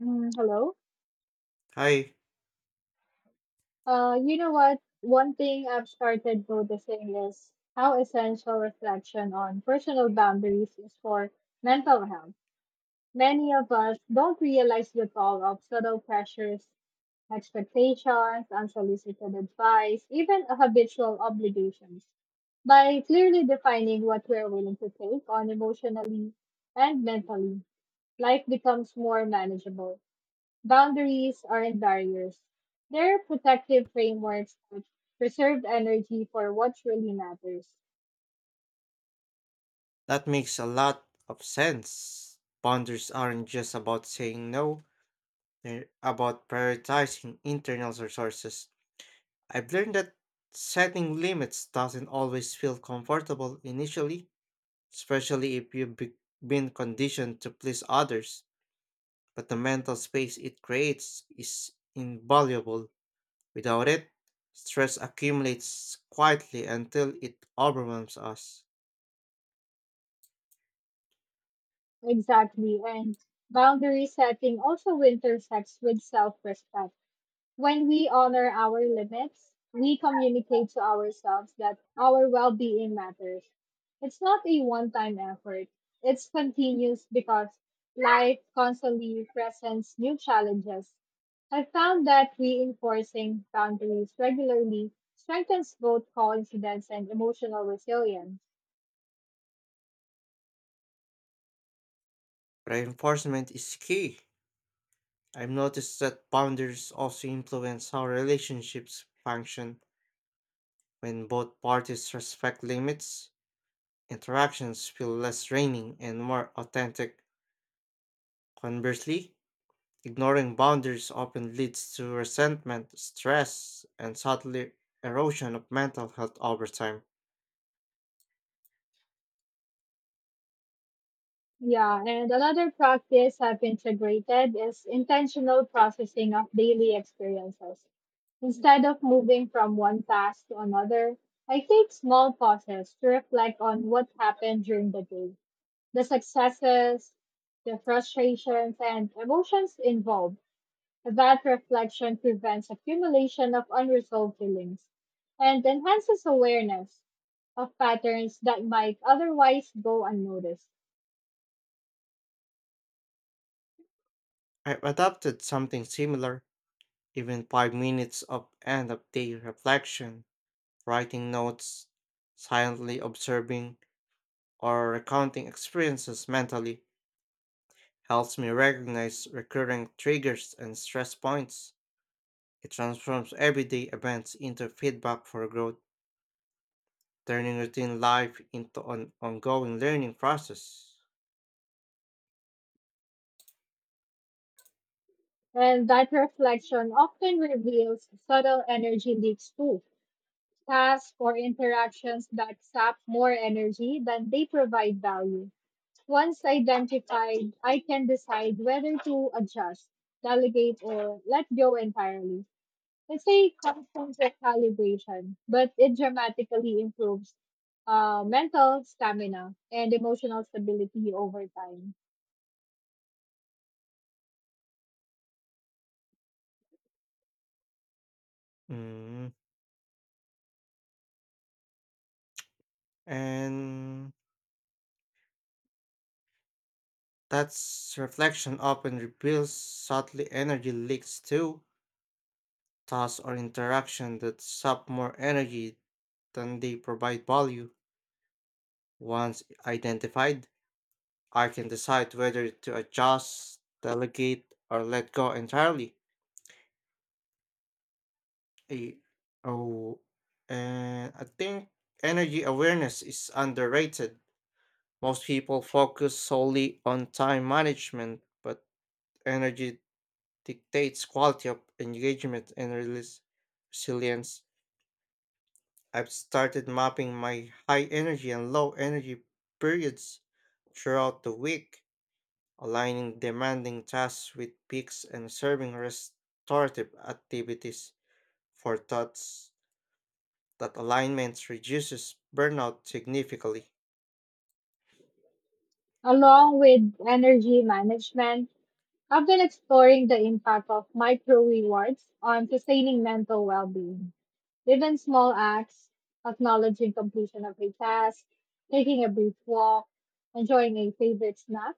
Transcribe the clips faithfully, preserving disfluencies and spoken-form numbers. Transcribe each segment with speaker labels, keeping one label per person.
Speaker 1: Mm, hello.
Speaker 2: Hi.
Speaker 1: Uh, you know what? One thing I've started noticing is how essential reflection on personal boundaries is for mental health. Many of us don't realize the toll of subtle pressures, expectations, unsolicited advice, even habitual obligations. By clearly defining what we're willing to take on emotionally and mentally, life becomes more manageable. Boundaries aren't barriers. They're protective frameworks that preserve energy for what really matters.
Speaker 2: That makes a lot of sense. Boundaries aren't just about saying no, they're about prioritizing internal resources. I've learned that setting limits doesn't always feel comfortable initially, especially if you've be- been conditioned to please others, but the mental space it creates is invaluable. Without it, stress accumulates quietly until it overwhelms us.
Speaker 1: Exactly. And boundary setting also intersects with self respect. When we honor our limits, we communicate to ourselves that our well being matters. It's not a one time effort, it's continuous because life constantly presents new challenges. I found that reinforcing boundaries regularly strengthens both confidence and emotional resilience.
Speaker 2: Reinforcement is key. I've noticed that boundaries also influence how relationships function when both parties respect limits. Interactions feel less draining and more authentic. Conversely, ignoring boundaries often leads to resentment, stress, and subtly erosion of mental health over time.
Speaker 1: Yeah, and another practice I've integrated is intentional processing of daily experiences. Instead of moving from one task to another, I take small pauses to reflect on what happened during the day, the successes, the frustrations, and emotions involved. That reflection prevents accumulation of unresolved feelings and enhances awareness of patterns that might otherwise go unnoticed.
Speaker 2: I've adopted something similar, even five minutes of end of day reflection, writing notes, silently observing, or recounting experiences mentally helps me recognize recurring triggers and stress points. It transforms everyday events into feedback for growth, turning routine life into an ongoing learning process.
Speaker 1: And that reflection often reveals subtle energy leaks too, tasks or interactions that sap more energy than they provide value. Once identified, I can decide whether to adjust, delegate, or let go entirely. It's a constant recalibration, but it dramatically improves uh, mental stamina and emotional stability over time.
Speaker 2: Mm, And that's reflection often reveals subtly energy leaks too, tasks or interaction that sap more energy than they provide value. Once identified, I can decide whether to adjust, delegate, or let go entirely. Eh, oh, and I think energy awareness is underrated. Most people focus solely on time management, but energy dictates quality of engagement and relis- resilience. I've started mapping my high energy and low energy periods throughout the week, aligning demanding tasks with peaks and serving restorative activities for thoughts. That alignment reduces burnout significantly.
Speaker 1: Along with energy management, I've been exploring the impact of micro rewards on sustaining mental well being. Even small acts, acknowledging completion of a task, taking a brief walk, enjoying a favorite snack,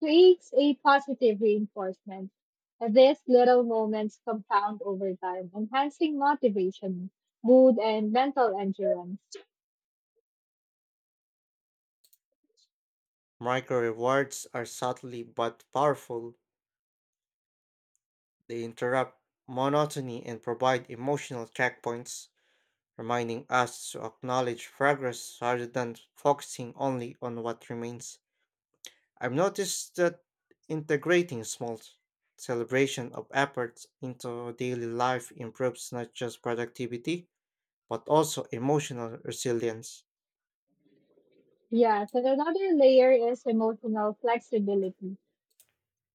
Speaker 1: creates a positive reinforcement. And these little moments compound over time, enhancing motivation, mood, and mental endurance.
Speaker 2: Micro rewards are subtly but powerful. They interrupt monotony and provide emotional checkpoints, reminding us to acknowledge progress rather than focusing only on what remains. I've noticed that integrating small celebration of efforts into daily life improves not just productivity, but also emotional resilience.
Speaker 1: Yes, and another layer is emotional flexibility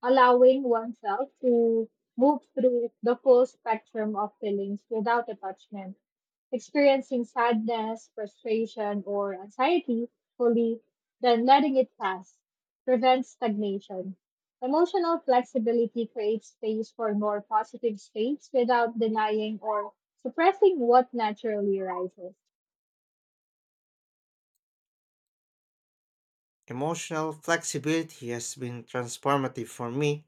Speaker 1: allowing oneself to move through the full spectrum of feelings without attachment, experiencing sadness, frustration, or anxiety fully, then letting it pass prevents stagnation. Emotional flexibility creates space for more positive states without denying or suppressing what naturally arises.
Speaker 2: Emotional flexibility has been transformative for me.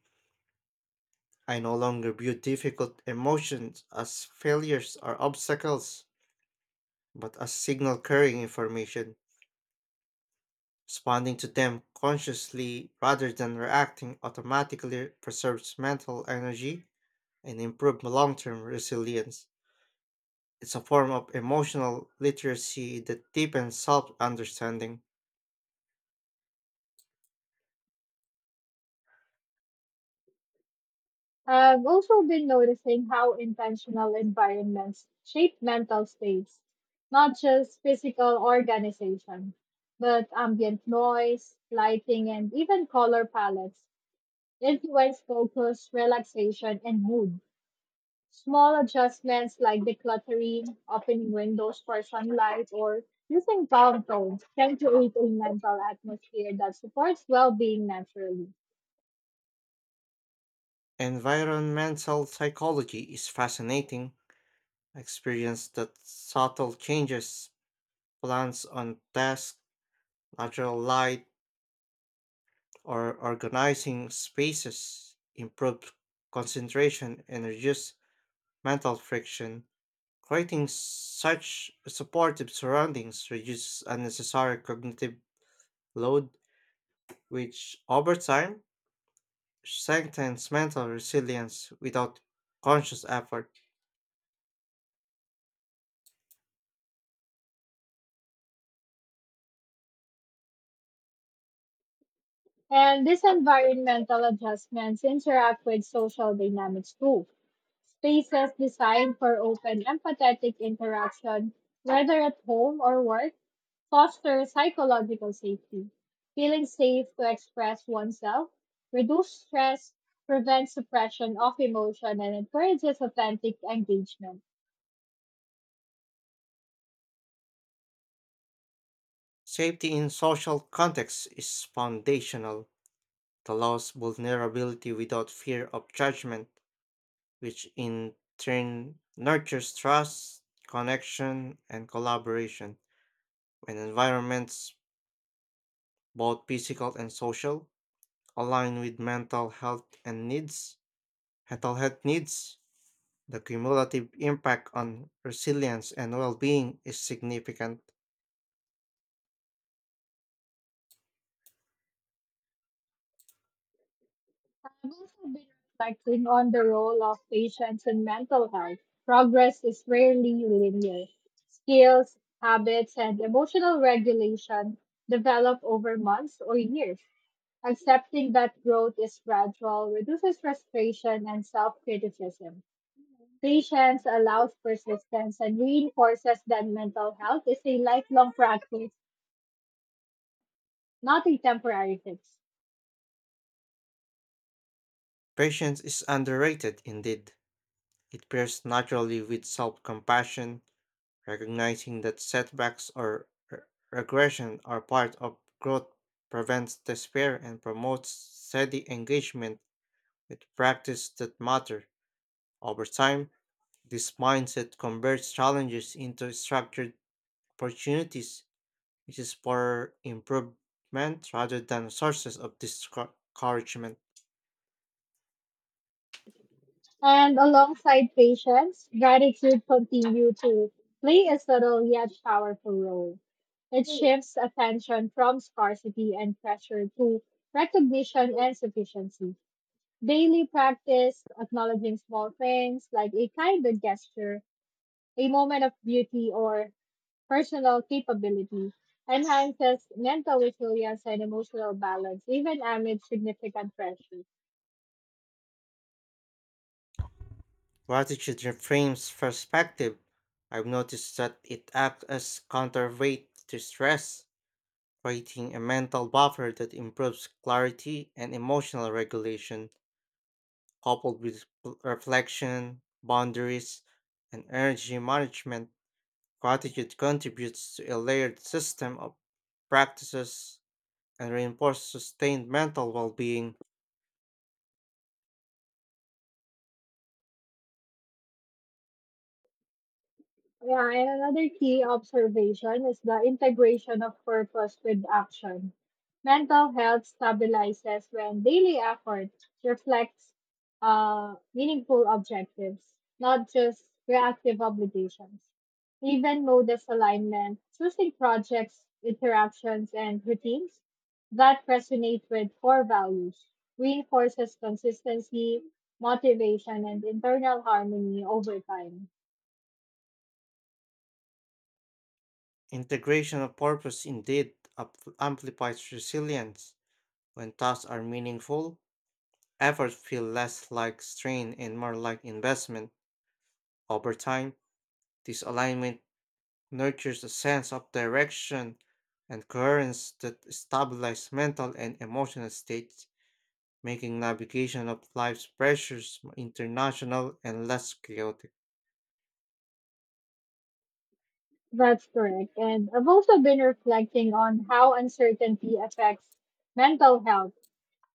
Speaker 2: I no longer view difficult emotions as failures or obstacles, but as signal carrying information. Responding to them consciously rather than reacting automatically preserves mental energy and improves long term resilience. It's a form of emotional literacy that deepens self understanding.
Speaker 1: I've also been noticing how intentional environments shape mental states, not just physical organization, but ambient noise, lighting, and even color palettes influence focus, relaxation, and mood. Small adjustments like decluttering, opening windows for sunlight, or using calm tones can create a mental atmosphere that supports well being naturally.
Speaker 2: Environmental psychology is fascinating experience that subtle changes plants on desk, natural light, or organizing spaces improve concentration and reduce mental friction. Creating such supportive surroundings reduces unnecessary cognitive load, which over time strengthens mental resilience without conscious effort.
Speaker 1: And these environmental adjustments interact with social dynamics too. Spaces designed for open, empathetic interaction, whether at home or work, foster psychological safety. Feeling safe to express oneself, reduce stress, prevents suppression of emotion, and encourages authentic engagement.
Speaker 2: Safety in social contexts is foundational. The law's vulnerability without fear of judgment, which in turn nurtures trust, connection, and collaboration. When environments, both physical and social, align with mental health and needs, mental health needs, the cumulative impact on resilience and well being is significant.
Speaker 1: I've also been reflecting on the role of patients in mental health. Progress is rarely linear. Skills, habits, and emotional regulation develop over months or years. Accepting that growth is gradual reduces frustration and self criticism. Patience allows persistence and reinforces that mental health is a lifelong practice, not a temporary fix.
Speaker 2: Patience is underrated indeed. It pairs naturally with self compassion, recognizing that setbacks or re- regression are part of growth prevents despair and promotes steady engagement with practice that matter. Over time, this mindset converts challenges into structured opportunities, which is for improvement rather than sources of discouragement.
Speaker 1: And alongside patience, gratitude continue to play a subtle yet powerful role. It shifts attention from scarcity and pressure to recognition and sufficiency. Daily practice, acknowledging small things like a kind of gesture, a moment of beauty, or personal capability, enhances mental resilience and emotional balance, even amid significant pressure.
Speaker 2: Gratitude reframes perspective. I've noticed that it acts as counterweight to stress creating a mental buffer that improves clarity and emotional regulation, coupled with pl- reflection, boundaries, and energy management. Gratitude contributes to a layered system of practices and reinforces sustained mental well being.
Speaker 1: Yeah, and another key observation is the integration of purpose with action. Mental health stabilizes when daily effort reflects uh, meaningful objectives, not just reactive obligations. Even mode alignment, choosing projects, interactions, and routines that resonate with core values reinforces consistency, motivation, and internal harmony over time.
Speaker 2: Integration of purpose indeed up- amplifies resilience. When tasks are meaningful, efforts feel less like strain and more like investment. Over time, this alignment nurtures a sense of direction and coherence that stabilize mental and emotional states, making navigation of life's pressures more international and less chaotic.
Speaker 1: That's correct. And I've also been reflecting on how uncertainty affects mental health.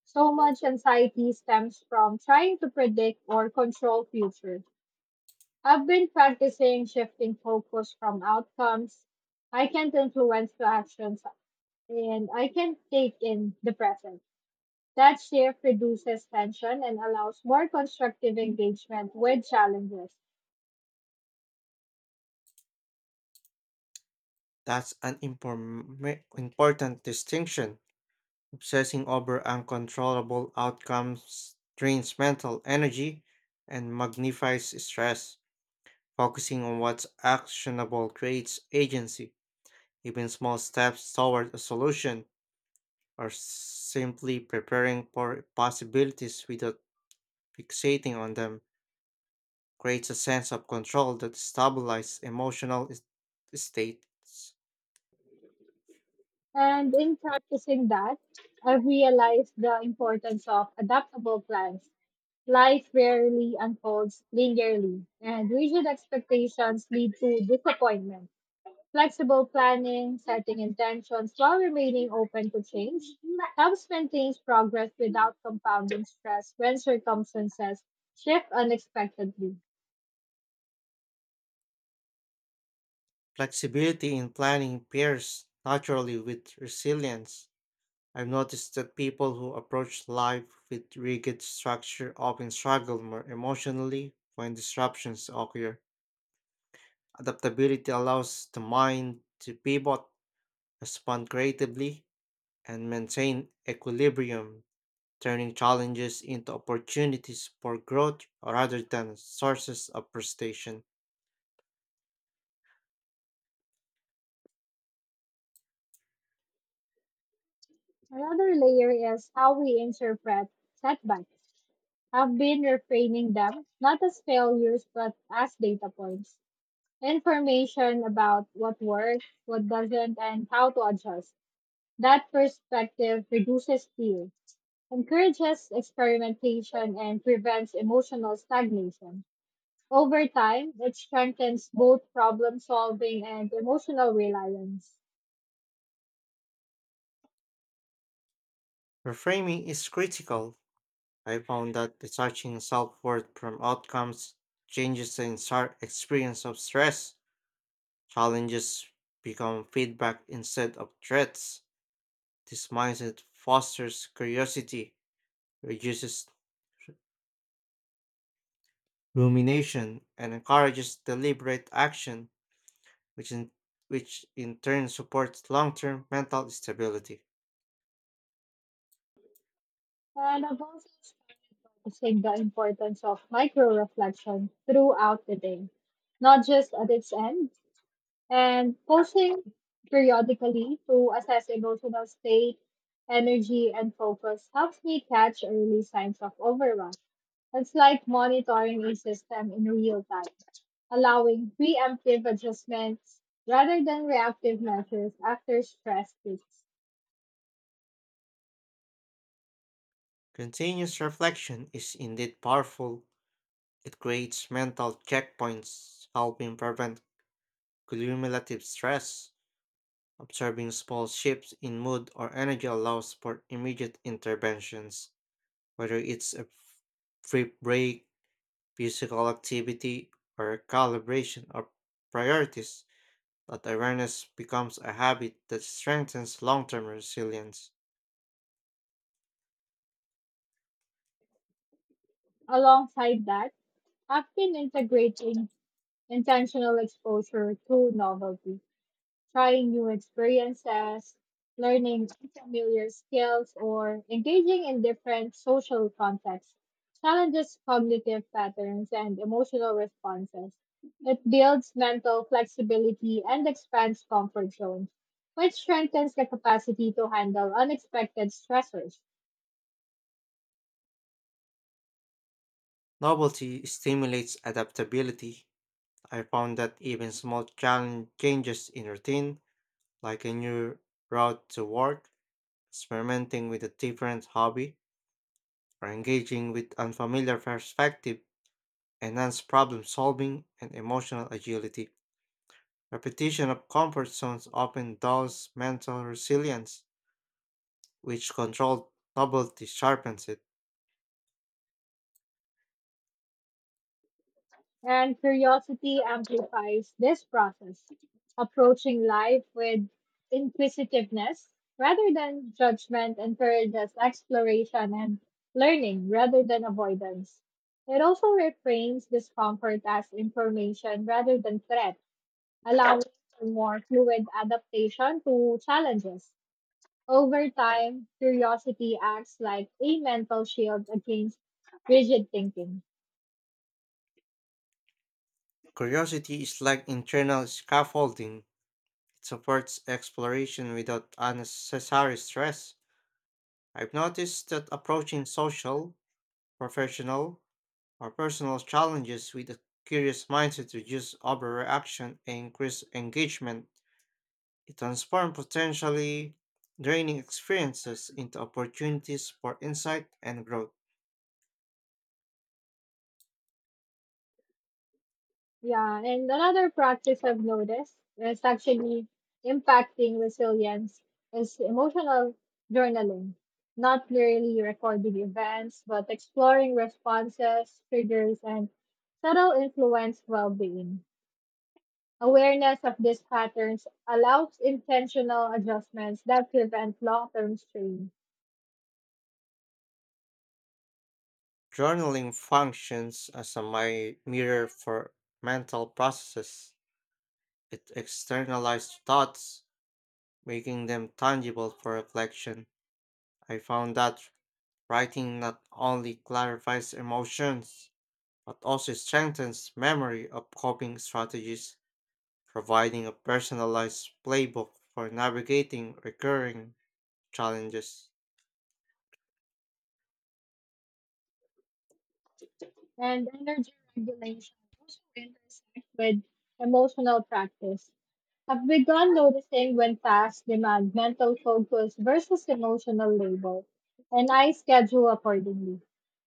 Speaker 1: So much anxiety stems from trying to predict or control future. I've been practicing shifting focus from outcomes I can't influence to actions and I can take in the present. That shift reduces tension and allows more constructive engagement with challenges.
Speaker 2: That's an inform- important distinction. Obsessing over uncontrollable outcomes drains mental energy and magnifies stress. Focusing on what's actionable creates agency, even small steps toward a solution or simply preparing for possibilities without fixating on them creates a sense of control that stabilizes emotional is- states.
Speaker 1: And in practicing that, I've realized the importance of adaptable plans. Life rarely unfolds linearly, and rigid expectations lead to disappointment. Flexible planning, setting intentions while remaining open to change, helps maintain progress without compounding stress when circumstances shift unexpectedly.
Speaker 2: Flexibility in planning pairs naturally with resilience. I've noticed that people who approach life with rigid structure often struggle more emotionally when disruptions occur. Adaptability allows the mind to pivot, respond creatively, and maintain equilibrium turning challenges into opportunities for growth rather than sources of frustration.
Speaker 1: Another layer is how we interpret setbacks. I've been reframing them not as failures but as data points. Information about what works, what doesn't, and how to adjust. That perspective reduces fear, encourages experimentation, and prevents emotional stagnation. Over time, it strengthens both problem solving and emotional reliance.
Speaker 2: Reframing is critical. I found that detaching self worth from outcomes changes the entire experience of stress. Challenges become feedback instead of threats. This mindset fosters curiosity, reduces rumination, and encourages deliberate action, which in, which in turn supports long term mental stability.
Speaker 1: And I've also started noticing the importance of micro reflection throughout the day, not just at its end, and posting periodically to assess emotional state, energy, and focus helps me catch early signs of overwhelm. It's like monitoring a system in real time, allowing preemptive adjustments rather than reactive measures after stress peaks.
Speaker 2: Continuous reflection is indeed powerful. It creates mental checkpoints, helping prevent cumulative stress. Observing small shifts in mood or energy allows for immediate interventions, whether it's a free break, physical activity, or calibration of priorities. That awareness becomes a habit that strengthens long term resilience.
Speaker 1: Alongside that, I've been integrating intentional exposure to novelty, trying new experiences, learning unfamiliar skills, or engaging in different social contexts challenges cognitive patterns and emotional responses. It builds mental flexibility and expands comfort zones, which strengthens the capacity to handle unexpected stressors.
Speaker 2: Novelty stimulates adaptability. I found that even small chan- changes in routine, like a new route to work, experimenting with a different hobby, or engaging with unfamiliar perspective, enhance problem solving and emotional agility. Repetition of comfort zones often dulls mental resilience, which controlled novelty sharpens it.
Speaker 1: And curiosity amplifies this process, approaching life with inquisitiveness rather than judgment encourages exploration and learning rather than avoidance. It also reframes discomfort as information rather than threat, allowing for more fluid adaptation to challenges. Over time, curiosity acts like a mental shield against rigid thinking.
Speaker 2: Curiosity is like internal scaffolding. It supports exploration without unnecessary stress. I've noticed that approaching social, professional, or personal challenges with a curious mindset reduces overreaction and increases engagement. It transforms potentially draining experiences into opportunities for insight and growth.
Speaker 1: Yeah, and another practice I've noticed that's actually impacting resilience is emotional journaling. Not merely recording events, but exploring responses, triggers, and subtle influence well-being. Awareness of these patterns allows intentional adjustments that prevent long-term strain.
Speaker 2: Journaling functions as a mi- mirror for mental processes. It externalizes thoughts, making them tangible for reflection. I found that writing not only clarifies emotions, but also strengthens memory of coping strategies, providing a personalized playbook for navigating recurring challenges.
Speaker 1: And energy regulation also intersects with emotional practice. I've begun noticing when tasks demand mental focus versus emotional labor, and I schedule accordingly,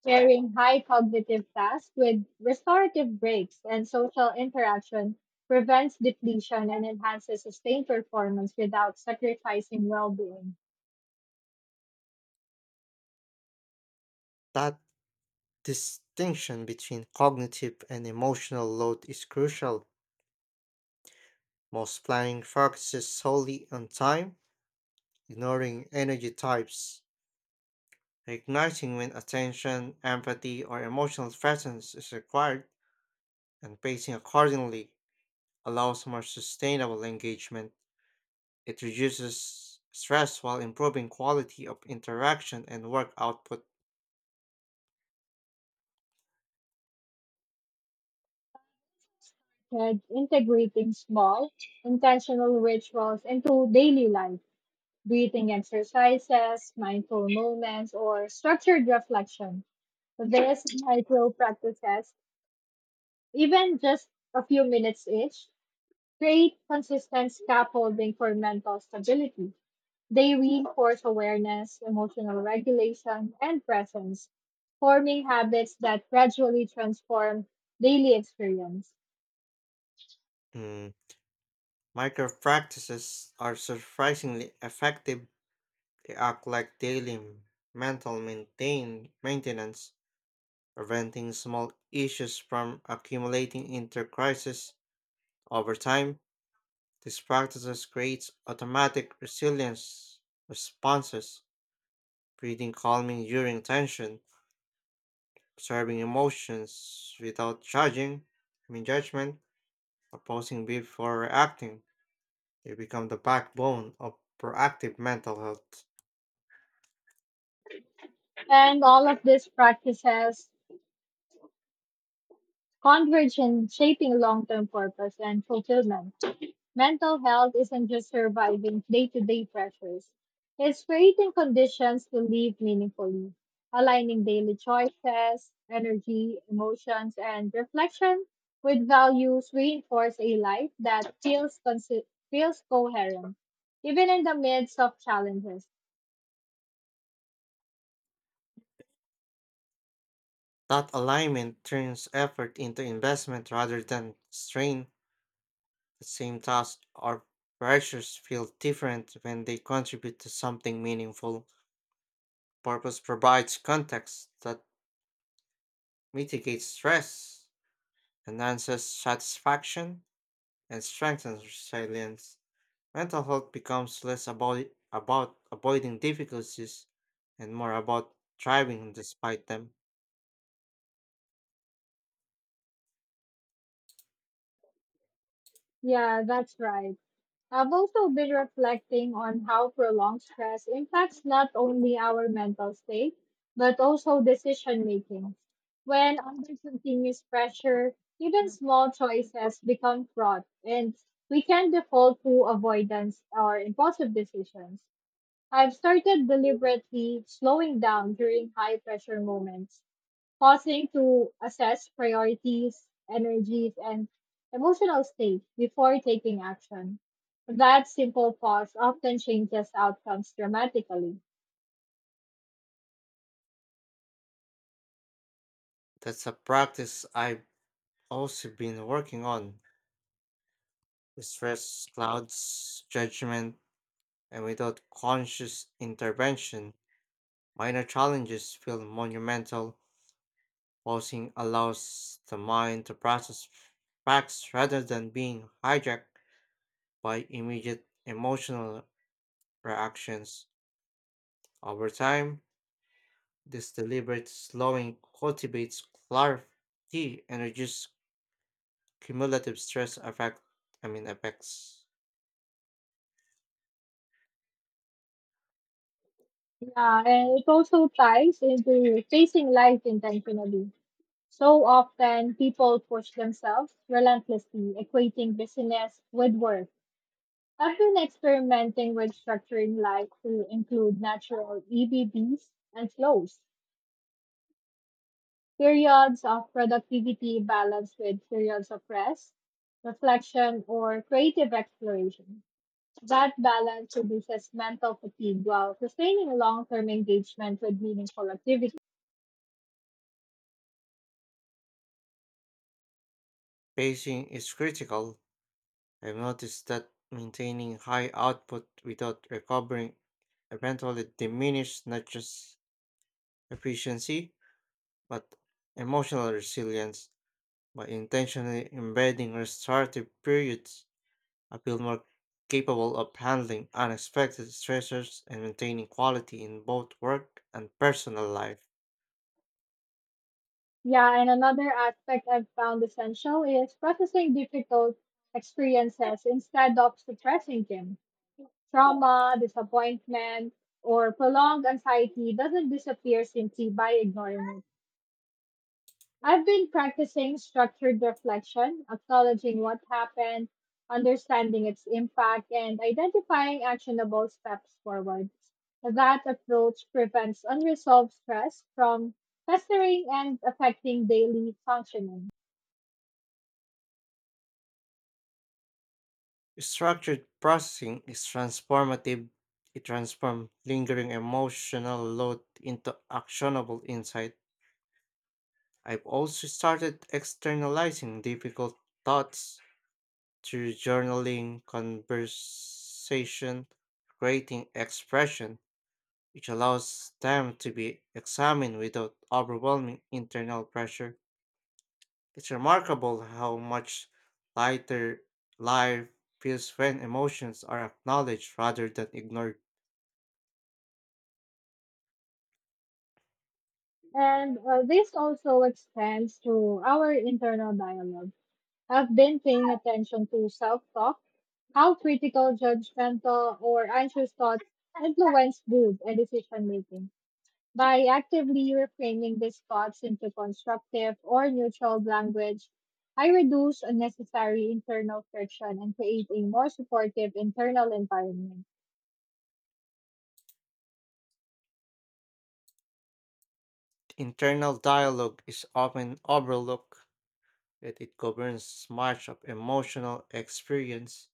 Speaker 1: pairing high cognitive tasks with restorative breaks and social interaction prevents depletion and enhances sustained performance without sacrificing well-being.
Speaker 2: That distinction between cognitive and emotional load is crucial. Most planning focuses solely on time, ignoring energy types. Recognizing when attention, empathy, or emotional presence is required and pacing accordingly allows more sustainable engagement. It reduces stress while improving quality of interaction and work output.
Speaker 1: Third, integrating small, intentional rituals into daily life, breathing exercises, mindful moments, or structured reflection. This micro practice test, even just a few minutes each, create consistent scaffolding for mental stability. They reinforce awareness, emotional regulation, and presence, forming habits that gradually transform daily experience.
Speaker 2: Mm. Micro practices are surprisingly effective. They act like daily m- mental maintain maintenance, preventing small issues from accumulating into crisis over time. These practices creates automatic resilience responses, breathing calming during tension, observing emotions without judging, I mean judgment, or pausing before reacting, they become the backbone of proactive mental health.
Speaker 1: And all of these practices converge in shaping long term purpose and fulfillment. Mental health isn't just surviving day to day pressures, it's creating conditions to live meaningfully, aligning daily choices, energy, emotions, and reflection with values reinforce a life that feels, consi- feels coherent, even in the midst of challenges.
Speaker 2: That alignment turns effort into investment rather than strain. The same tasks or pressures feel different when they contribute to something meaningful. Purpose provides context that mitigates stress, enhances satisfaction, and strengthens resilience. Mental health becomes less about about avoiding difficulties and more about thriving despite them.
Speaker 1: Yeah, that's right. I've also been reflecting on how prolonged stress impacts not only our mental state, but also decision making. When under continuous pressure, even small choices become fraught, and we can default to avoidance or impulsive decisions. I've started deliberately slowing down during high pressure moments, pausing to assess priorities, energies, and emotional state before taking action. That simple pause often changes outcomes dramatically.
Speaker 2: That's a practice I've also been working on. Stress clouds judgment, and without conscious intervention, minor challenges feel monumental. Pausing allows the mind to process facts rather than being hijacked by immediate emotional reactions. Over time, this deliberate slowing cultivates clarity and reduces cumulative stress effect. I mean effects.
Speaker 1: Yeah, and it also ties into facing life intentionally. So often, people push themselves relentlessly, equating busyness with work. I've been experimenting with structuring life to include natural EBBs and flows. Periods of productivity balanced with periods of rest, reflection, or creative exploration. That balance reduces mental fatigue while sustaining long term engagement with meaningful activities.
Speaker 2: Pacing is critical. I've noticed that maintaining high output without recovering eventually diminishes not just efficiency but emotional resilience by intentionally embedding restorative periods I feel more capable of handling unexpected stressors and maintaining quality in both work and personal life.
Speaker 1: Yeah, and another aspect I've found essential is processing difficult experiences instead of suppressing them. Trauma, disappointment, or prolonged anxiety doesn't disappear simply by ignoring it. I've been practicing structured reflection, acknowledging what happened, understanding its impact, and identifying actionable steps forward. That approach prevents unresolved stress from festering and affecting daily functioning.
Speaker 2: Structured processing is transformative. It transforms lingering emotional load into actionable insight. I've also started externalizing difficult thoughts through journaling, conversation, creating expression, which allows them to be examined without overwhelming internal pressure. It's remarkable how much lighter life feels when emotions are acknowledged rather than ignored.
Speaker 1: And uh, this also extends to our internal dialogue. I've been paying attention to self talk, how critical, judgmental, or anxious thoughts influence mood and decision making. By actively reframing these thoughts into constructive or neutral language, I reduce unnecessary internal friction and create a more supportive internal environment.
Speaker 2: Internal dialogue is often overlooked, yet it governs much of emotional experience.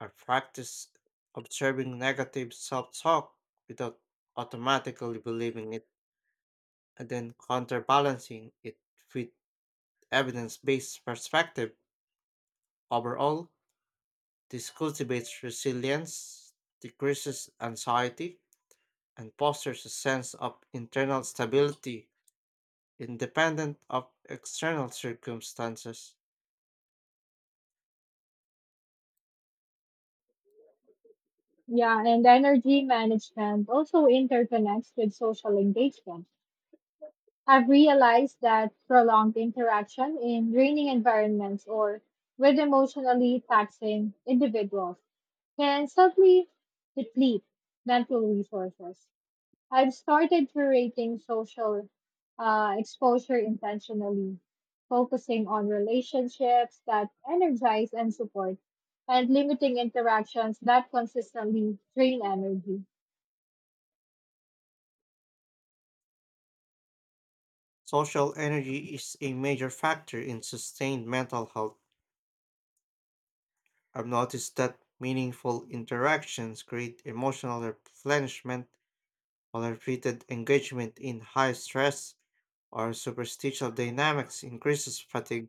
Speaker 2: I practice observing negative self talk without automatically believing it, and then counterbalancing it with evidence based perspective. Overall, this cultivates resilience, decreases anxiety, and fosters a sense of internal stability independent of external circumstances.
Speaker 1: Yeah, and energy management also interconnects with social engagement. I've realized that prolonged interaction in draining environments or with emotionally taxing individuals can subtly deplete mental resources. I've started curating social uh, exposure intentionally, focusing on relationships that energize and support, and limiting interactions that consistently drain energy.
Speaker 2: Social energy is a major factor in sustained mental health. I've noticed that meaningful interactions create emotional replenishment, while repeated engagement in high stress or superstitious dynamics increases fatigue.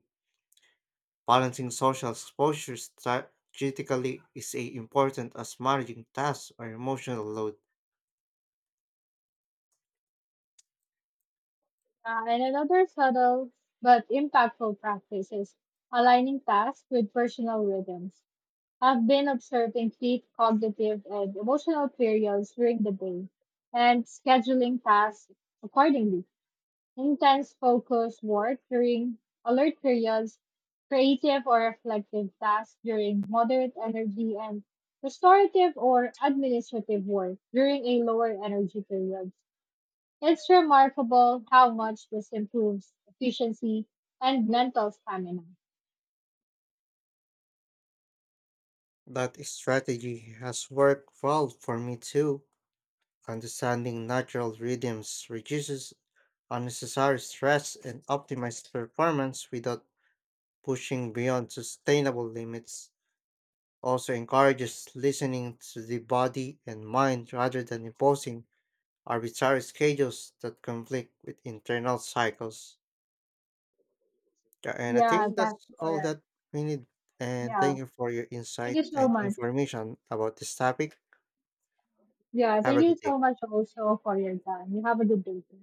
Speaker 2: Balancing social exposure strategically is a important as managing tasks or emotional load.
Speaker 1: Uh, and another subtle but impactful practice is aligning tasks with personal rhythms. I've been observing key cognitive and emotional periods during the day and scheduling tasks accordingly. Intense focus work during alert periods, creative or reflective tasks during moderate energy, and restorative or administrative work during a lower energy period. It's remarkable how much this improves efficiency and mental stamina.
Speaker 2: That strategy has worked well for me too. Understanding natural rhythms reduces unnecessary stress and optimizes performance without pushing beyond sustainable limits. Also encourages listening to the body and mind rather than imposing arbitrary schedules that conflict with internal cycles. Yeah, and I
Speaker 1: Yeah,
Speaker 2: think
Speaker 1: that's
Speaker 2: that's all
Speaker 1: correct.
Speaker 2: that we need. And
Speaker 1: Yeah.
Speaker 2: thank you for your
Speaker 1: Thank you
Speaker 2: insight
Speaker 1: so
Speaker 2: and
Speaker 1: much.
Speaker 2: information about this topic.
Speaker 1: Yeah,
Speaker 2: Have
Speaker 1: thank
Speaker 2: a
Speaker 1: you
Speaker 2: good day.
Speaker 1: so much also for your time. You have a good day. Too.